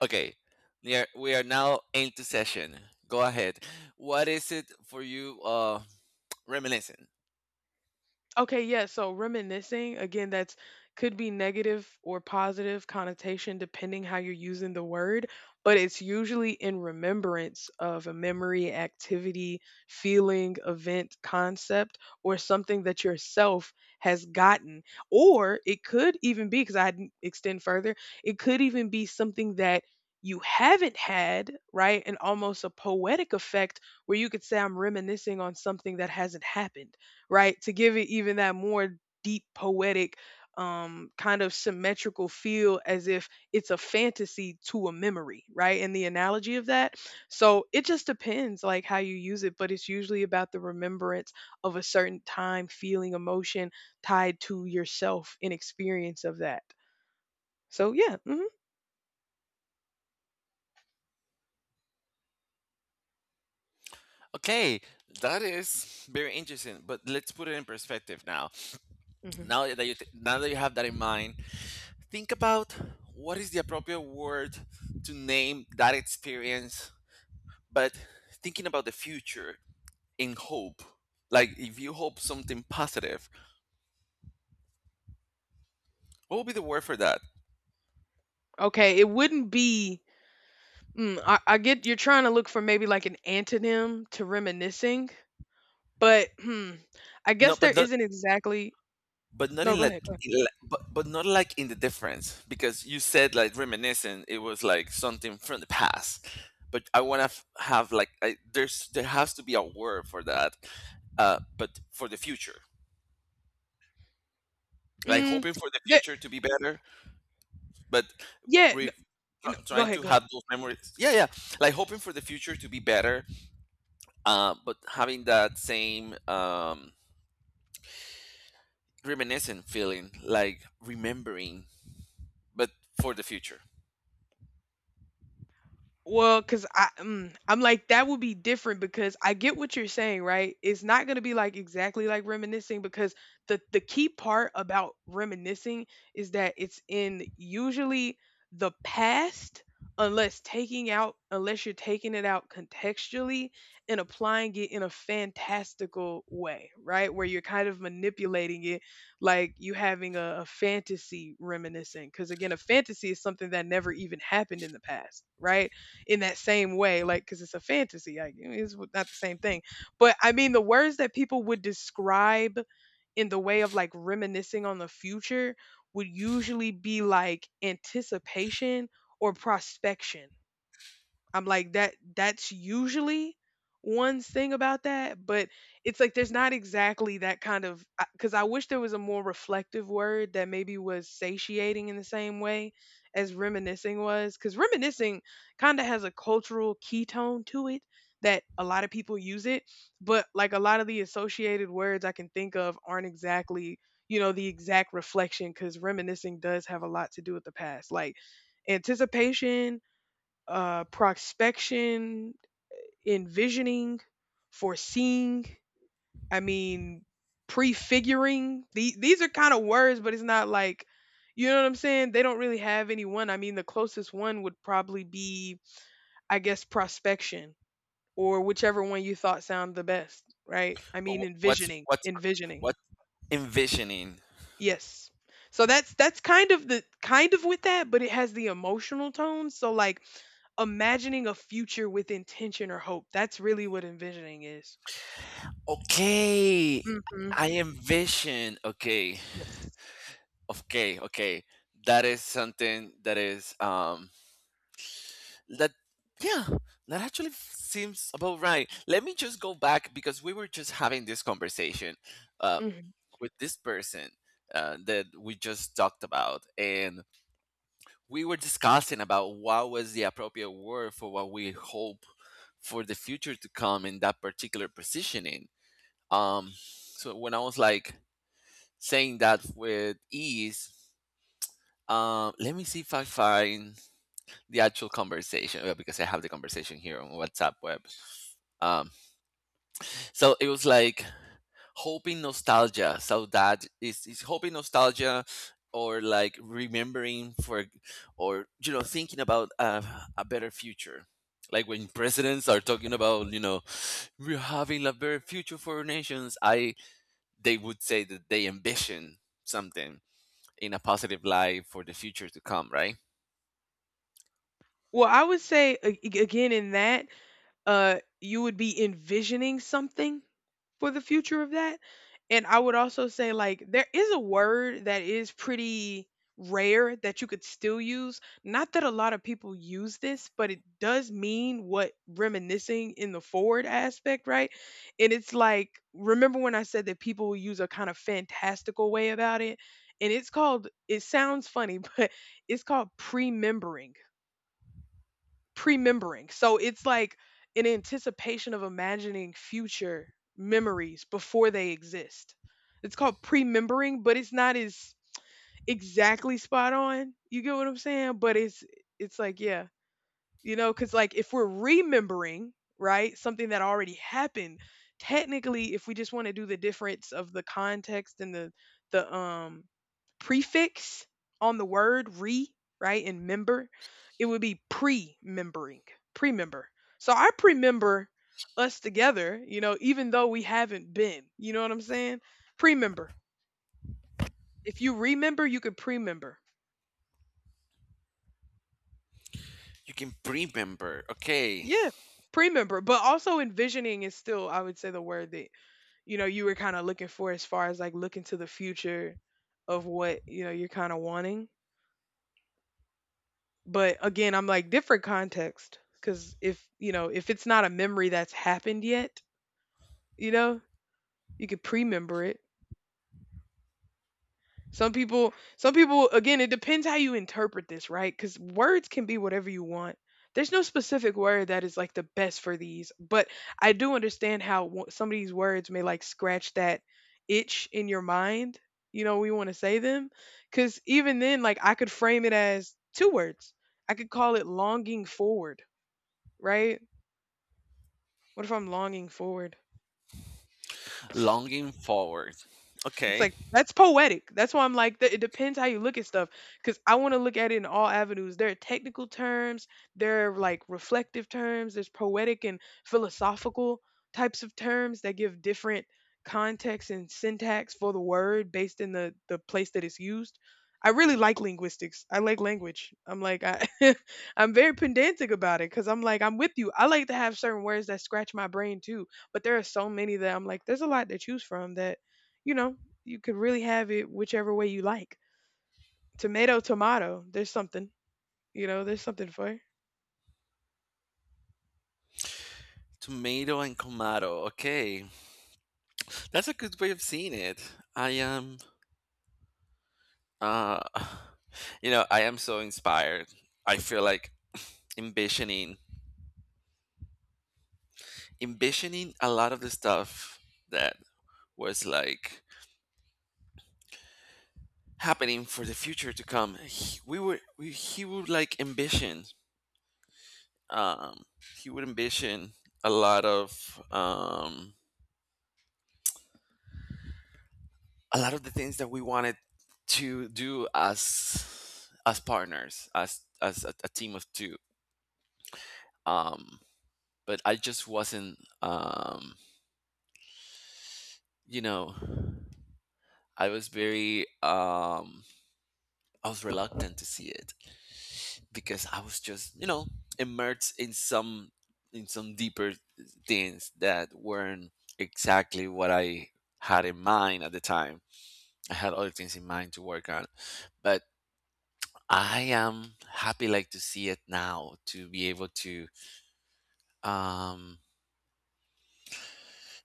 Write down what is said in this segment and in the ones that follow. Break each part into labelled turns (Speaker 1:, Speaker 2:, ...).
Speaker 1: Okay, we are now into session. Go ahead. What is it for you? Reminiscing.
Speaker 2: Okay, yeah. So reminiscing, again, that's could be negative or positive connotation depending how you're using the word, but it's usually in remembrance of a memory, activity, feeling, event, concept, or something that yourself has gotten. Or it could even be, because I didn't extend further, it could even be something that you haven't had, right? And almost a poetic effect where you could say, I'm reminiscing on something that hasn't happened, right? To give it even that more deep poetic kind of symmetrical feel as if it's a fantasy to a memory, right? And the analogy of that. So it just depends like how you use it, but it's usually about the remembrance of a certain time, feeling, emotion tied to yourself and experience of that. So yeah. Hmm.
Speaker 1: Okay, that is very interesting. But let's put it in perspective now.
Speaker 2: Hmm.
Speaker 1: Now that you have that in mind, think about what is the appropriate word to name that experience. But thinking about the future in hope, like if you hope something positive, what would be the word for that?
Speaker 2: Okay, it wouldn't be. I get you're trying to look for maybe like an antonym to reminiscing, but, I
Speaker 1: No,
Speaker 2: guess there
Speaker 1: but not
Speaker 2: isn't exactly.
Speaker 1: but not
Speaker 2: No,
Speaker 1: in
Speaker 2: go
Speaker 1: like,
Speaker 2: ahead, go ahead.
Speaker 1: in like- but not like in the difference because you said like reminiscent it was like something from the past but I want to f- have like there's there has to be a word for that but for the future, like
Speaker 2: Mm,
Speaker 1: hoping for the
Speaker 2: the
Speaker 1: future to be better but
Speaker 2: yeah, no,
Speaker 1: re-
Speaker 2: you know, go
Speaker 1: trying
Speaker 2: ahead,
Speaker 1: to
Speaker 2: go ahead.
Speaker 1: have those memories, yeah, yeah, like hoping for the future to be better, but having that same reminiscent feeling like remembering but for the future.
Speaker 2: Well, because I'm like, that would be different because I get what you're saying, right? It's not going to be like exactly like reminiscing because the key part about reminiscing is that it's in usually the past, unless you're taking it out contextually and applying it in a fantastical way, right? Where you're kind of manipulating it like you having a fantasy reminiscing. Because again, a fantasy is something that never even happened in the past, right? In that same way, like because it's a fantasy, like it's not the same thing. But I mean, the words that people would describe in the way of like reminiscing on the future would usually be like anticipation or prospection. I'm like that's usually one thing about that, but it's like there's not exactly that kind of, because I wish there was a more reflective word that maybe was satiating in the same way as reminiscing was, because reminiscing kind of has a cultural key tone to it that a lot of people use it, but like a lot of the associated words I can think of aren't exactly, you know, the exact reflection, because reminiscing does have a lot to do with the past, like anticipation, prospection, envisioning, foreseeing. I mean, prefiguring. These are kind of words, but it's not like, you know what I'm saying? They don't really have any one. I mean, the closest one would probably be, I guess, prospection, or whichever one you thought sounded the best, right? I
Speaker 1: But
Speaker 2: mean,
Speaker 1: wh- what's
Speaker 2: envisioning,
Speaker 1: what's
Speaker 2: envisioning.
Speaker 1: what envisioning?
Speaker 2: Yes. So that's kind of the kind of with that, but it has the emotional tone. So like imagining a future with intention or hope. That's really what envisioning is.
Speaker 1: Okay,
Speaker 2: Mhm.
Speaker 1: I envision. Okay,
Speaker 2: Yes.
Speaker 1: okay. That is something that is that yeah, that actually seems about right. Let me just go back because we were just having this conversation uh,
Speaker 2: Mm-hmm.
Speaker 1: with this person that we just talked about, and we were discussing about what was the appropriate word for what we hope for the future to come in that particular positioning. So when I was like saying that with ease, let me see if I find the actual conversation because I have the conversation here on WhatsApp web. Um, so it was like hoping nostalgia saudade is hoping nostalgia, or like remembering for, or you know, thinking about a better future, like when presidents are talking about, you know, we're having a better future for our nations. I they would say that they ambition something in a positive light for the future to come, right?
Speaker 2: Well, I would say again in that you would be envisioning something for the future of that. And I would also say like there is a word that is pretty rare that you could still use. Not that a lot of people use this, but it does mean what reminiscing in the forward aspect, right? And it's like remember when I said that people will use a kind of fantastical way about it? And it's called, it sounds funny, but it's called premembering. Pre-membering. So it's like an anticipation of imagining future memories before they exist. It's called pre-membering, but it's not as exactly spot on. You get what I'm saying? But it's like yeah. You know, because like if we're remembering, right, something that already happened, technically, if we just want to do the difference of the context and the prefix on the word re, right, and member, it would be pre-membering, pre-member. So I pre-member us together, you know, even though we haven't been. You know what I'm saying? Pre-member. If you remember, you could pre-member.
Speaker 1: You can remember, okay.
Speaker 2: Yeah, pre-member. But also envisioning is still, I would say, the word that, you know, you were kind of looking for as far as like looking to the future of what, you know, you're kind of wanting. But again, I'm like different context, because if, you know, if it's not a memory that's happened yet, you know, you could pre-member it. Some people, again, it depends how you interpret this, right? Because words can be whatever you want. There's no specific word that is like the best for these, but I do understand how some of these words may like scratch that itch in your mind. You know, we want to say them. Because even then, like, I could frame it as two words. I could call it longing forward, right? What if I'm longing forward?
Speaker 1: Longing forward,
Speaker 2: It's
Speaker 1: okay.
Speaker 2: like that's poetic. That's why I'm like that. It depends how you look at stuff because I want to look at it in all avenues. There are technical terms, there are like reflective terms, there's poetic and philosophical types of terms that give different context and syntax for the word based in the place that it's used. I really like linguistics. I like language. I'm like I I'm very pedantic about it, cuz I'm like I'm with you. I like to have certain words that scratch my brain too, but there are so many that I'm like there's a lot to choose from that, you know, you can really have it whichever way you like. Tomato, tomato. There's something. You know, there's something for it.
Speaker 1: Tomato and Kamado. Okay, that's a good way of seeing it. I am, uh, you know, I am so inspired. I feel like envisioning, envisioning a lot of the stuff that was like happening for the future to come. He would like ambition. Um, he would ambition a lot of, um, a lot of the things that we wanted to do as partners, as a team of two, um but I just wasn't. You know, I was very I was reluctant to see it because I was just, you know, immersed in some, in some deeper things that weren't exactly what I had in mind at the time. I had other things in mind to work on, but I am happy like to see it now, to be able to, um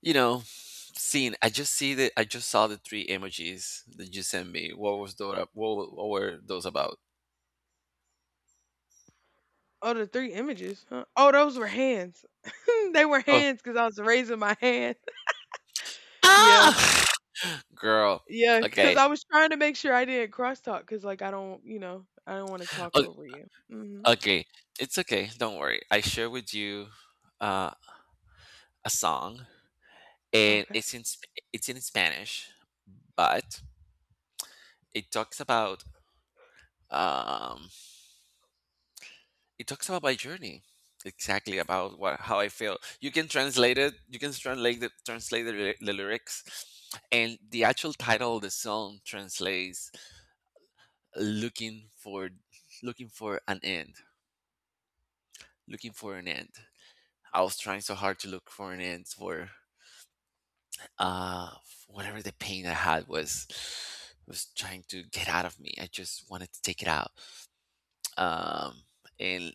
Speaker 1: you know, seen. I just see the. I just saw the three emojis that you sent me. What was those? What were those about?
Speaker 2: Oh, the three images. Huh? Oh, those were hands. They were
Speaker 1: Oh,
Speaker 2: hands because I was raising my hand. Yeah,
Speaker 1: ah, girl.
Speaker 2: yeah. Because
Speaker 1: Okay,
Speaker 2: I was trying to make sure I didn't crosstalk. Because like I don't, you know, I don't want to talk
Speaker 1: O-
Speaker 2: over you. Hmm.
Speaker 1: okay. It's okay. Don't worry. I share with you uh, a song, and
Speaker 2: Okay.
Speaker 1: it's in it's in Spanish, but it talks about um it talks about my journey exactly about what how I feel. You can translate it. You can translate the the lyrics, and the actual title of the song translates looking for, looking for an end, looking for an end. I was trying so hard to look for an end for, uh whatever the pain I had was trying to get out of me. I just wanted to take it out. um, and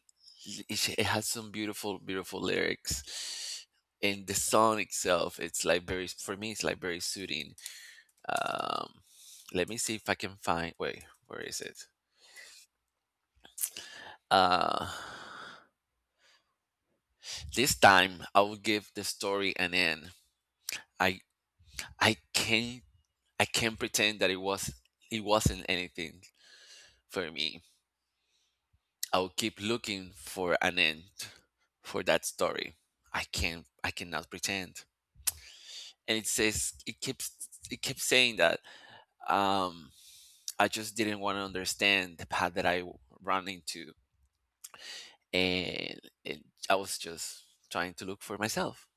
Speaker 1: it has some beautiful, beautiful lyrics. And the song itself, it's like very, for me, it's like very soothing. Um, let me see if I can find. Wait, where is it? Uh, this time I will give the story an end. I I can't. I can't pretend that it wasn't anything for me. I'll keep looking for an end for that story. I cannot pretend. And it says it keeps saying that, um, I just didn't want to understand the path that I ran into, and, and I was just trying to look for myself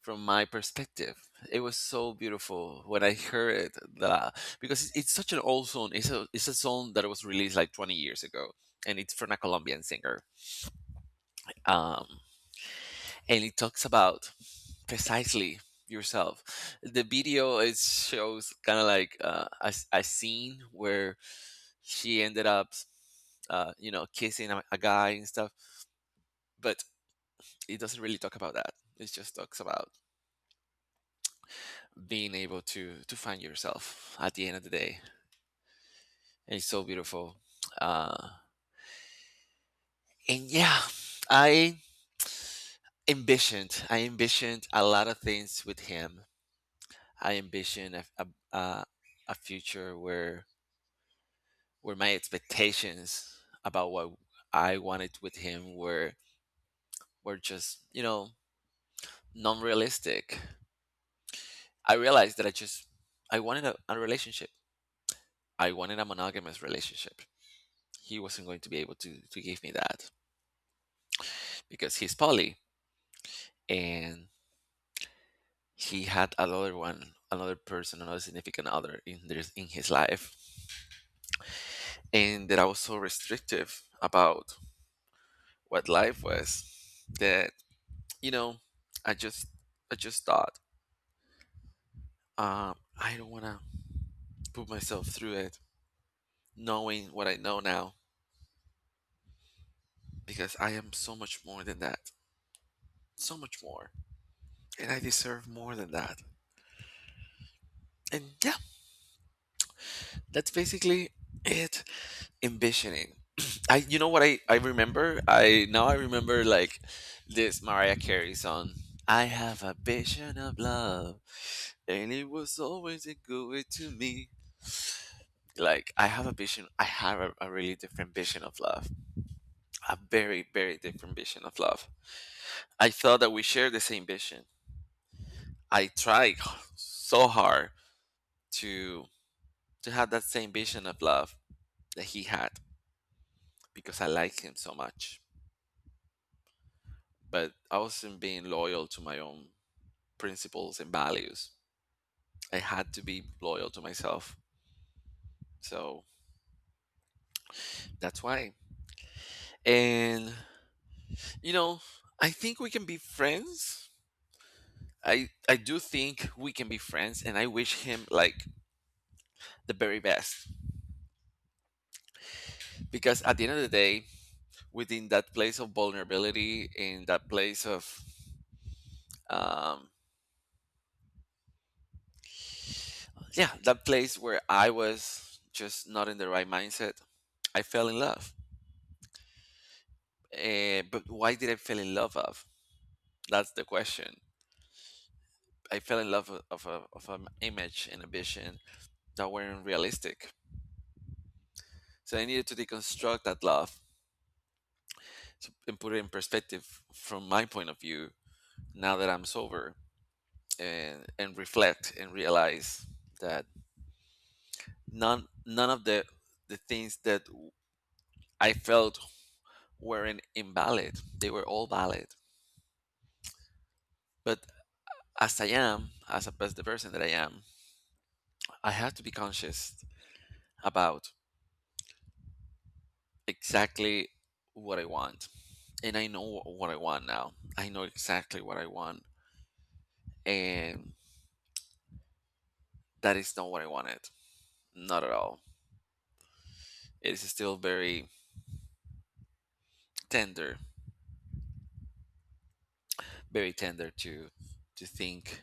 Speaker 1: from my perspective. It was so beautiful when I heard it that, because it's such an old song. It's a song that was released like 20 years ago, and it's from a Colombian singer. Um, and it talks about precisely yourself. The video is Shows kind of like a scene where she ended up, you know, kissing a guy and stuff, but it doesn't really talk about that. It just talks about being able to find yourself at the end of the day. And it's so beautiful. Uh, and yeah, I ambitioned. I ambitioned a lot of things with him. I ambitioned a future where my expectations about what I wanted with him were just, you know, non-realistic. I realized that I just, I wanted a relationship. I wanted a monogamous relationship. He wasn't going to be able to give me that because he's poly, and he had another one, another person, another significant other in in his life, and that I was so restrictive about what life was that, you know, I just I just thought, um, I don't want to put myself through it, knowing what I know now, because I am so much more than that. So much more. And I deserve more than that. And yeah, that's basically it. Ambitioning. I you know what I remember? I Now I remember like this Mariah Carey song. I have a vision of love, and it was always a good way to me. Like I have a vision I have a really different vision of love. A very, very different vision of love. I thought that we shared the same vision. I tried so hard to to have that same vision of love that he had, because I like him so much. But I wasn't being loyal to my own principles and values. I had to be loyal to myself. So that's why. And, you know, I think we can be friends. I do think we can be friends, and I wish him like the very best, because at the end of the day, within that place of vulnerability, in that place of, um, yeah, that place where I was just not in the right mindset, I fell in love. Uh, but why did I fall in love of, that's the question. I fell in love of, a, of an image and a vision that weren't realistic, so I needed to deconstruct that love, and put it in perspective from my point of view now that I'm sober, and reflect and realize that none of the things that I felt weren't invalid. They were all valid. But as I am, as a as the person that I am, I have to be conscious about exactly what I want. And I know what I want now. I know exactly what I want. And that is not what I wanted. Not at all. It is still tender, very tender to think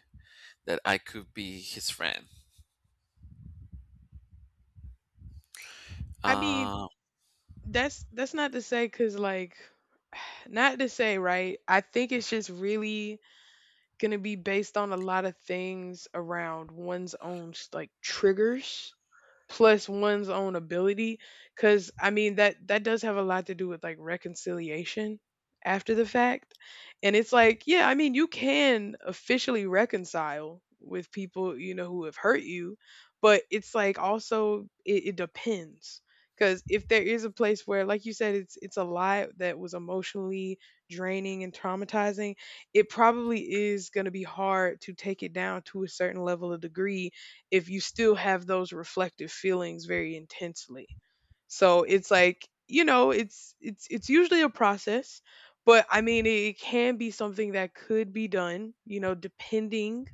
Speaker 1: that I could be his friend.
Speaker 2: I mean,
Speaker 1: Uh,
Speaker 2: that's not to say, because like, not to say, right. I think it's just really going to be based on a lot of things around one's own like triggers plus one's own ability, because I mean that that does have a lot to do with like reconciliation after the fact, and it's like yeah, I mean you can officially reconcile with people, you know, who have hurt you, but it's like also it depends, because if there is a place where, like you said, it's a lie that was emotionally draining and traumatizing, it probably is going to be hard to take it down to a certain level of degree if you still have those reflective feelings very intensely. So it's like, you know, it's usually a process, but I mean it can be something that could be done, you know, depending,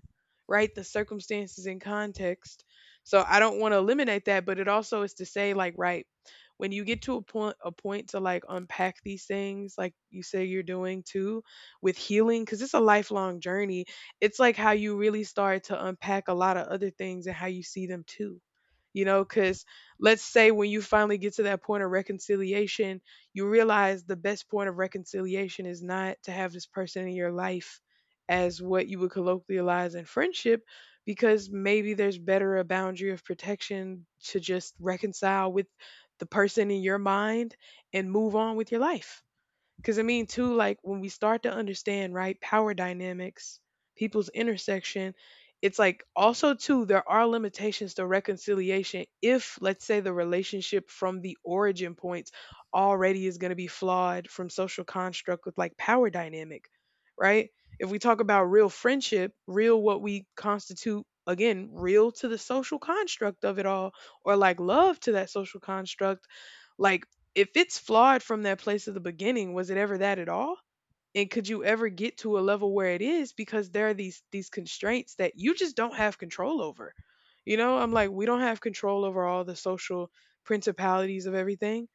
Speaker 2: right? The circumstances and context. So I don't want to eliminate that, but it also is to say like, right, when you get to a point to like unpack these things like you say you're doing too, with healing, cuz it's a lifelong journey. It's like how you really start to unpack a lot of other things and how you see them too. You know, cuz let's say when you finally get to that point of reconciliation, you realize the best point of reconciliation is not to have this person in your life as what you would colloquialize in friendship, because maybe there's better a boundary of protection to just reconcile with the person in your mind and move on with your life. Because I mean, too, like when we start to understand, right, power dynamics, people's intersection, it's like also, too, there are limitations to reconciliation if, let's say, the relationship from the origin points already is going to be flawed from social construct with like power dynamic, right? If we talk about real friendship, real what we constitute, again, real to the social construct of it all, or like love to that social construct, like if it's flawed from that place of the beginning, was it ever that at all? And could you ever get to a level where it is, because there are these constraints that you just don't have control over. You know, I'm like we don't have control over all the social principalities of everything.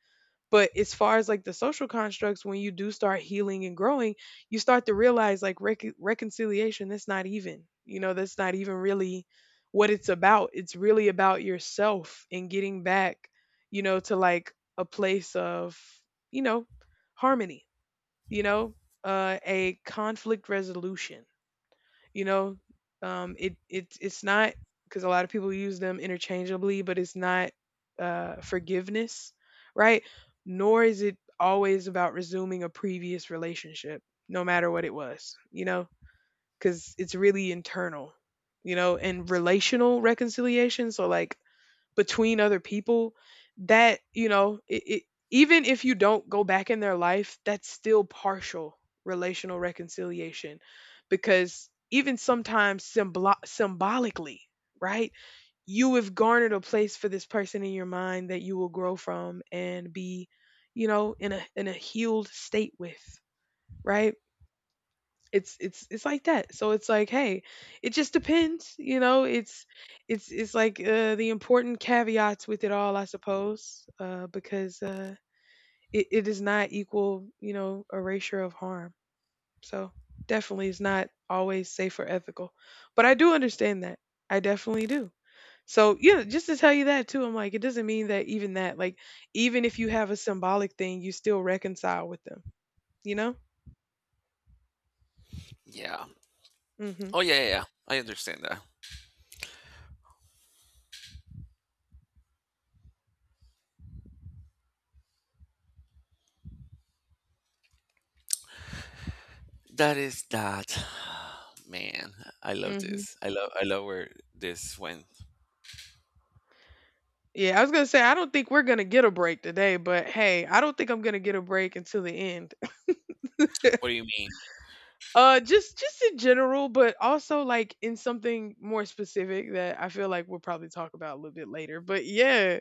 Speaker 2: But as far as like the social constructs, when you do start healing and growing, you start to realize like reconciliation, that's not even, you know, that's not even really what it's about. It's really about yourself and getting back, you know, to like a place of, you know, harmony, you know, a conflict resolution. you know it's not, because a lot of people use them interchangeably, but it's not forgiveness, right? Nor is it always about resuming a previous relationship, no matter what it was, you know, because it's really internal, you know, and relational reconciliation, so like between other people, that, you know, even if you don't go back in their life, that's still partial relational reconciliation, because even sometimes symbolically, right? You have garnered a place for this person in your mind that you will grow from and be, you know, in a healed state with, right? It's like that. So it's like, hey, it just depends, you know. It's like the important caveats with it all, I suppose, because it is not equal, you know, erasure of harm. So definitely, it's not always safe or ethical. But I do understand that. I definitely do. So yeah, just to tell you that too, I'm like, it doesn't mean that, even that, like, even if you have a symbolic thing, you still reconcile with them, you know?
Speaker 1: yeah.
Speaker 2: Mm-hmm.
Speaker 1: Oh yeah, yeah, yeah. I understand that. That is that. Man, I love
Speaker 2: Mm-hmm.
Speaker 1: this. I love where this went.
Speaker 2: Yeah, I was gonna say I don't think we're gonna get a break today, but hey, I don't think I'm gonna get a break until the end.
Speaker 1: What do you mean?
Speaker 2: Just in general, but also like in something more specific that I feel like we'll probably talk about a little bit later. But yeah,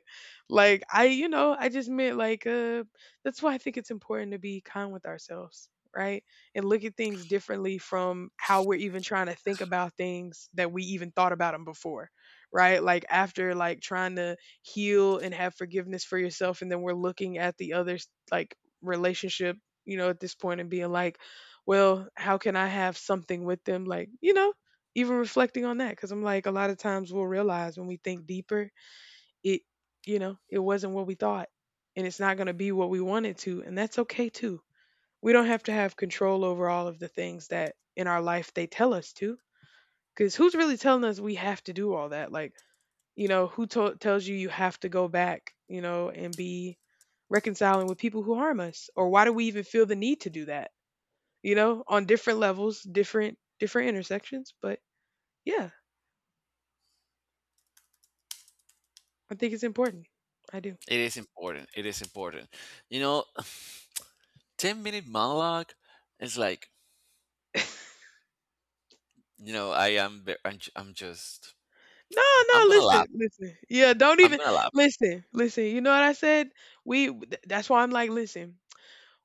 Speaker 2: like I, you know, I just meant like, that's why I think it's important to be kind with ourselves, right? And look at things differently from how we're even trying to think about things that we even thought about them before, right? Like after like trying to heal and have forgiveness for yourself, and then we're looking at the other, like, relationship, you know, at this point and being like, well, how can I have something with them? Like, you know, even reflecting on that, because I'm like, a lot of times we'll realize when we think deeper, it, you know, it wasn't what we thought, and it's not going to be what we wanted to. And that's okay too. We don't have to have control over all of the things that in our life they tell us to, because who's really telling us we have to do all that? Like, you know, tells you you have to go back, you know, and be reconciling with people who harm us? Or why do we even feel the need to do that? You know, on different levels, different intersections. But yeah, I think it's important. I do.
Speaker 1: It is important. It is important. You know, 10-minute monologue is like, you know, I am ve- I'm, j- I'm just,
Speaker 2: No, no,
Speaker 1: I'm going to
Speaker 2: listen,
Speaker 1: laugh.
Speaker 2: listen. Yeah, don't
Speaker 1: I'm
Speaker 2: even
Speaker 1: going to laugh.
Speaker 2: listen, listen. You know what I said? That's why I'm like, listen,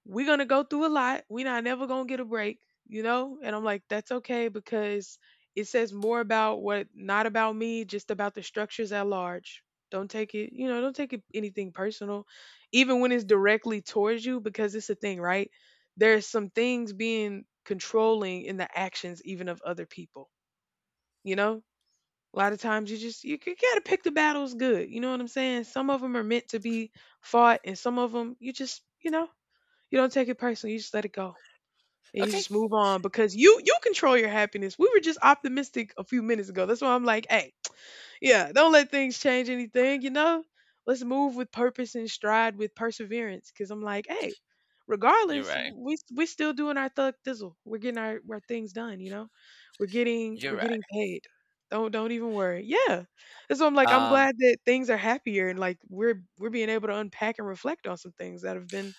Speaker 2: we're gonna go through a lot. We're not never gonna get a break, you know? And I'm like, that's okay because it says more about what, not about me, just about the structures at large. Don't take it, you know, don't take it anything personal, even when it's directly towards you, because it's a thing, right? There's some things being controlling in the actions even of other people, you know? A lot of times you gotta pick the battles good. You know what I'm saying? Some of them are meant to be fought, and some of them you just, you know, you don't take it personally. You just let it go, and you
Speaker 1: Okay.
Speaker 2: just move on because you control your happiness. We were just optimistic a few minutes ago. That's why I'm like, hey, yeah, don't let things change anything, you know? Let's move with purpose and stride with perseverance. Cause I'm like, hey,
Speaker 1: You're
Speaker 2: regardless,
Speaker 1: right.
Speaker 2: we still doing our thug thizzle. We're getting our things done, you know? We're getting we're
Speaker 1: You're right.
Speaker 2: getting paid. Don't even worry. Yeah. And so I'm like, I'm
Speaker 1: Um
Speaker 2: glad that things are happier and like we're being able to unpack and reflect on some things that have been,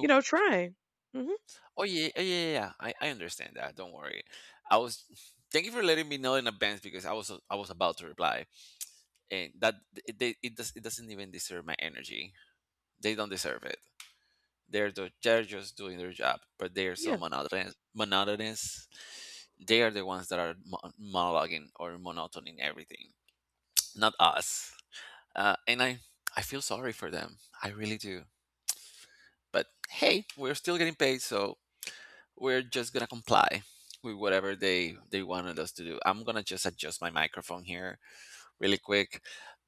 Speaker 2: you know, trying. Hmm.
Speaker 1: Oh yeah, oh, yeah, yeah, yeah. I understand that. Don't worry. I was thank you for letting me know in advance, because I was about to reply, and that it does, it doesn't even deserve my energy. They don't deserve it. They're just doing their job, but they are so
Speaker 2: Yeah.
Speaker 1: monotonous. Monotonous. They are the ones that are monologuing or monotoning everything, not us. And I feel sorry for them. I really do. But hey, we're still getting paid, so we're just gonna comply with whatever they wanted us to do. I'm gonna just adjust my microphone here really quick.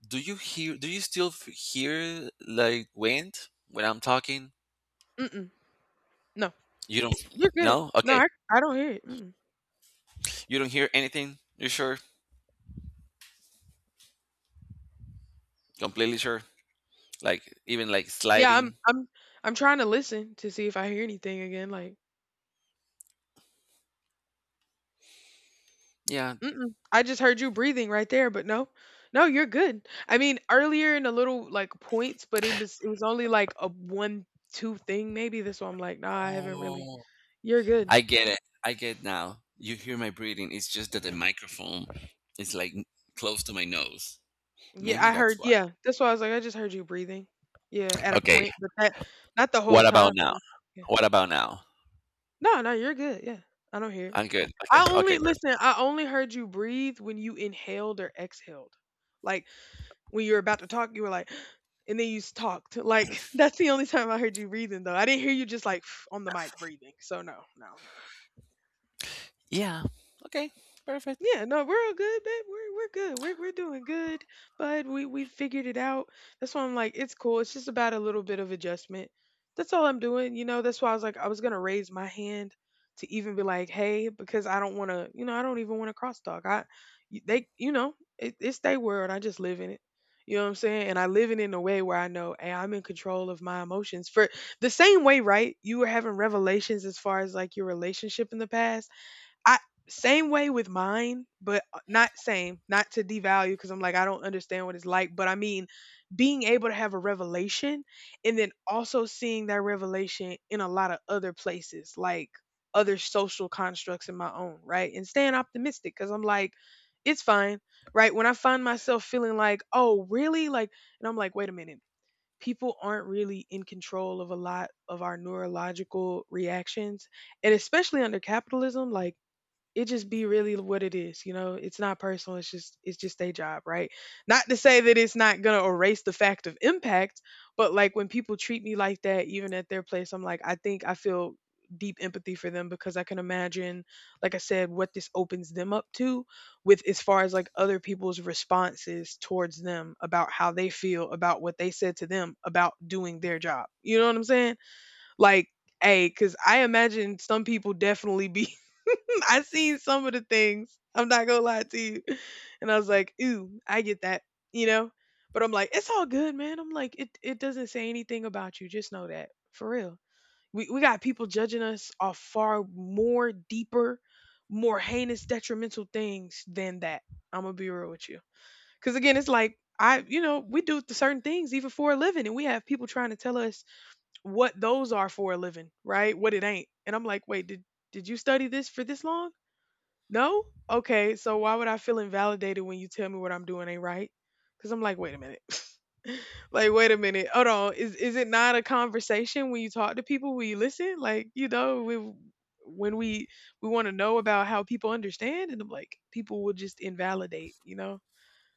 Speaker 1: Do you hear? Do you still hear like wind when I'm talking?
Speaker 2: Mm-mm. No.
Speaker 1: You don't?
Speaker 2: You're good.
Speaker 1: No?
Speaker 2: No,
Speaker 1: Okay.
Speaker 2: I don't hear it. Mm.
Speaker 1: You don't hear anything? You're sure? Completely sure? Like even like
Speaker 2: Yeah, I'm
Speaker 1: sliding?
Speaker 2: I'm I'm trying to listen to see if I hear anything again, like,
Speaker 1: Yeah.
Speaker 2: "Mm-mm, I just heard you breathing right there, but no. No, you're good." I mean, earlier in a little, like, points, but it was only, like, a 1, 2 thing maybe, that's why I'm like, "Nah, I haven't really
Speaker 1: Oh.
Speaker 2: You're good."
Speaker 1: I get it. I get now. You hear my breathing. It's just that the microphone is like close to my nose.
Speaker 2: Yeah,
Speaker 1: Maybe
Speaker 2: I
Speaker 1: that's
Speaker 2: heard,
Speaker 1: why.
Speaker 2: yeah, that's why I was like, "I just heard you breathing." Yeah, at a
Speaker 1: Okay.
Speaker 2: point, but that not the whole
Speaker 1: What
Speaker 2: time.
Speaker 1: about now?
Speaker 2: Yeah.
Speaker 1: What about now?
Speaker 2: No, no, you're good, yeah. I don't hear it.
Speaker 1: I'm good. Okay. Okay, perfect.
Speaker 2: I only heard you breathe when you inhaled or exhaled. Like, when you were about to talk, you were like, and then you talked. Like that's the only time I heard you breathing, though. I didn't hear you just like on the mic breathing. So no, no, no.
Speaker 1: Yeah. Okay. Perfect.
Speaker 2: Yeah, no, we're all good, babe. We're good. We're doing good, bud. We figured it out. That's why I'm like, it's cool. It's just about a little bit of adjustment. That's all I'm doing. You know, that's why I was like, I was gonna raise my hand to even be like, hey, because I don't wanna, you know, I don't even wanna cross talk. I, they, you know, it's their world. I just live in it. You know what I'm saying? And I live it in a way where I know, hey, I'm in control of my emotions. For the same way, right? You were having revelations as far as like your relationship in the past. I, same way with mine, but not same, not to devalue because I'm like, I don't understand what it's like. But I mean, being able to have a revelation and then also seeing that revelation in a lot of other places, like other social constructs in my own, right? And staying optimistic because I'm like, it's fine, right? When I find myself feeling like, oh, really? Like, and I'm like, wait a minute. People aren't really in control of a lot of our neurological reactions. And especially under capitalism, like, it just be really what it is, you know, it's not personal, it's just their job, right? Not to say that it's not going to erase the fact of impact, but like when people treat me like that even at their place, I'm like, I think I feel deep empathy for them because I can imagine, like I said, what this opens them up to with, as far as like other people's responses towards them about how they feel about what they said to them about doing their job, you know what I'm saying? Like, hey, because I imagine some people definitely be. I seen some of the things. I'm not gonna lie to you. And I was like, ooh, I get that, you know? But I'm like, it's all good, man. I'm like, it doesn't say anything about you. Just know that. For real. We got people judging us off far more deeper, more heinous, detrimental things than that. I'm gonna be real with you. Cause again, it's like I, you know, we do certain things even for a living, and we have people trying to tell us what those are for a living, right? What it ain't. And I'm like, wait, did you study this for this long? No? Okay, so why would I feel invalidated when you tell me what I'm doing ain't right? Because I'm like, wait a minute. Like, wait a minute. Hold on. Is it not a conversation when you talk to people? When you listen? Like, you know, we when we want to know about how people understand, and I'm like, people will just invalidate. You know.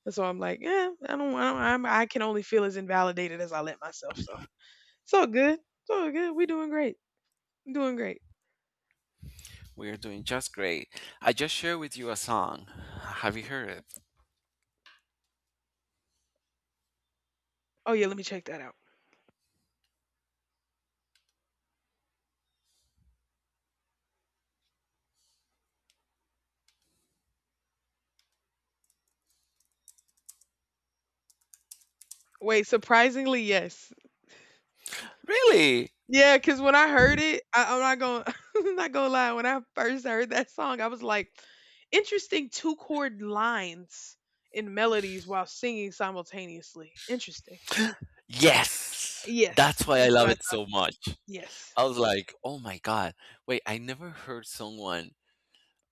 Speaker 2: And so I'm like, yeah, I don't. I can only feel as invalidated as I let myself. So it's all good. It's all good. We doing great. I'm doing great.
Speaker 1: We are doing just great. I just shared with you a song. Have you heard it?
Speaker 2: Oh yeah, let me check that out. Wait, surprisingly, yes.
Speaker 1: Really?
Speaker 2: Yeah, cause when I heard it, I'm not gonna I'm not gonna lie, when I first heard that song, I was like, interesting two chord lines in melodies while singing simultaneously. Interesting.
Speaker 1: Yes.
Speaker 2: Yes,
Speaker 1: That's why I
Speaker 2: that's what
Speaker 1: love
Speaker 2: I
Speaker 1: it
Speaker 2: thought.
Speaker 1: so much.
Speaker 2: Yes.
Speaker 1: I was like, oh my god, wait, I never heard someone.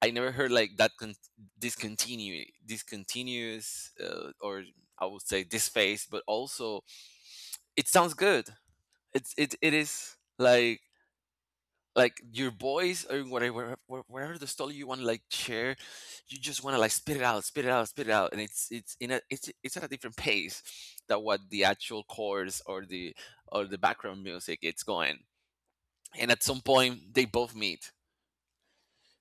Speaker 1: I never heard like that discontinue, discontinuous, or I would say this phase. But also, it sounds good. It is like your voice or whatever whatever the story you want to like share, you just want to like spit it out, spit it out, spit it out, and it's it's at a different pace than what the actual chords or the, or the background music it's going. And at some point, they both meet.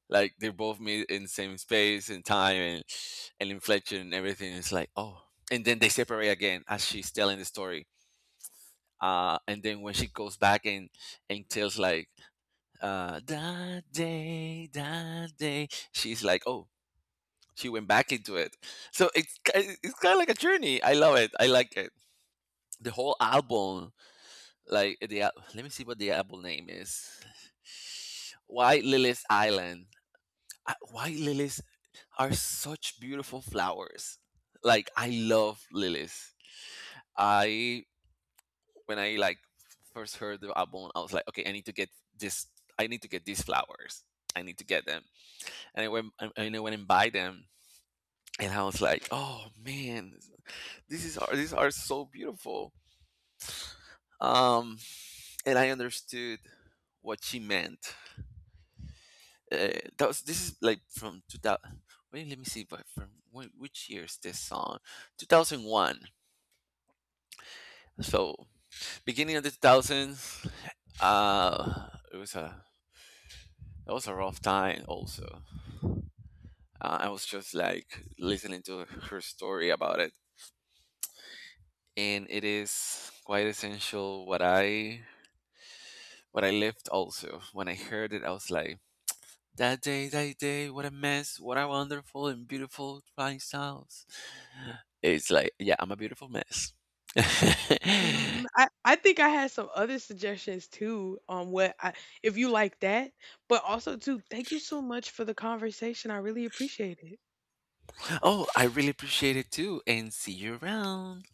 Speaker 1: Like they're both made in the same space and time, and inflection and everything. It's like, oh. And then they separate again as she's telling the story. And then when she goes back and tells like, that day, she's like, oh, she went back into it. So it's kind of like a journey. I love it. I like it. The whole album, like the let me see what the album name is. Why Lilith Island? White lilies are such beautiful flowers. Like, I love lilies. I When I like first heard the album, I was like, okay, I need to get this. I need to get these flowers. I need to get them. And I went and I went and buy them, and I was like, oh man, this is are these are so beautiful. Um, and I understood what she meant, uh, that was this is like from 2000. Wait, let me see, but from which year is this song? 2001. So beginning of the 2000s. It was a That was a rough time also. Uh, I was just like listening to her story about it, and it is quite essential what I lived also. When I heard it, I was like, that day, that day, what a mess, what a wonderful and beautiful flying sounds. It's like, yeah, I'm a beautiful mess.
Speaker 2: Mhm. I think I had some other suggestions too on what I, if you like that. But also too, thank you so much for the conversation. I really appreciate it.
Speaker 1: Oh, I really appreciate it too, and see you around.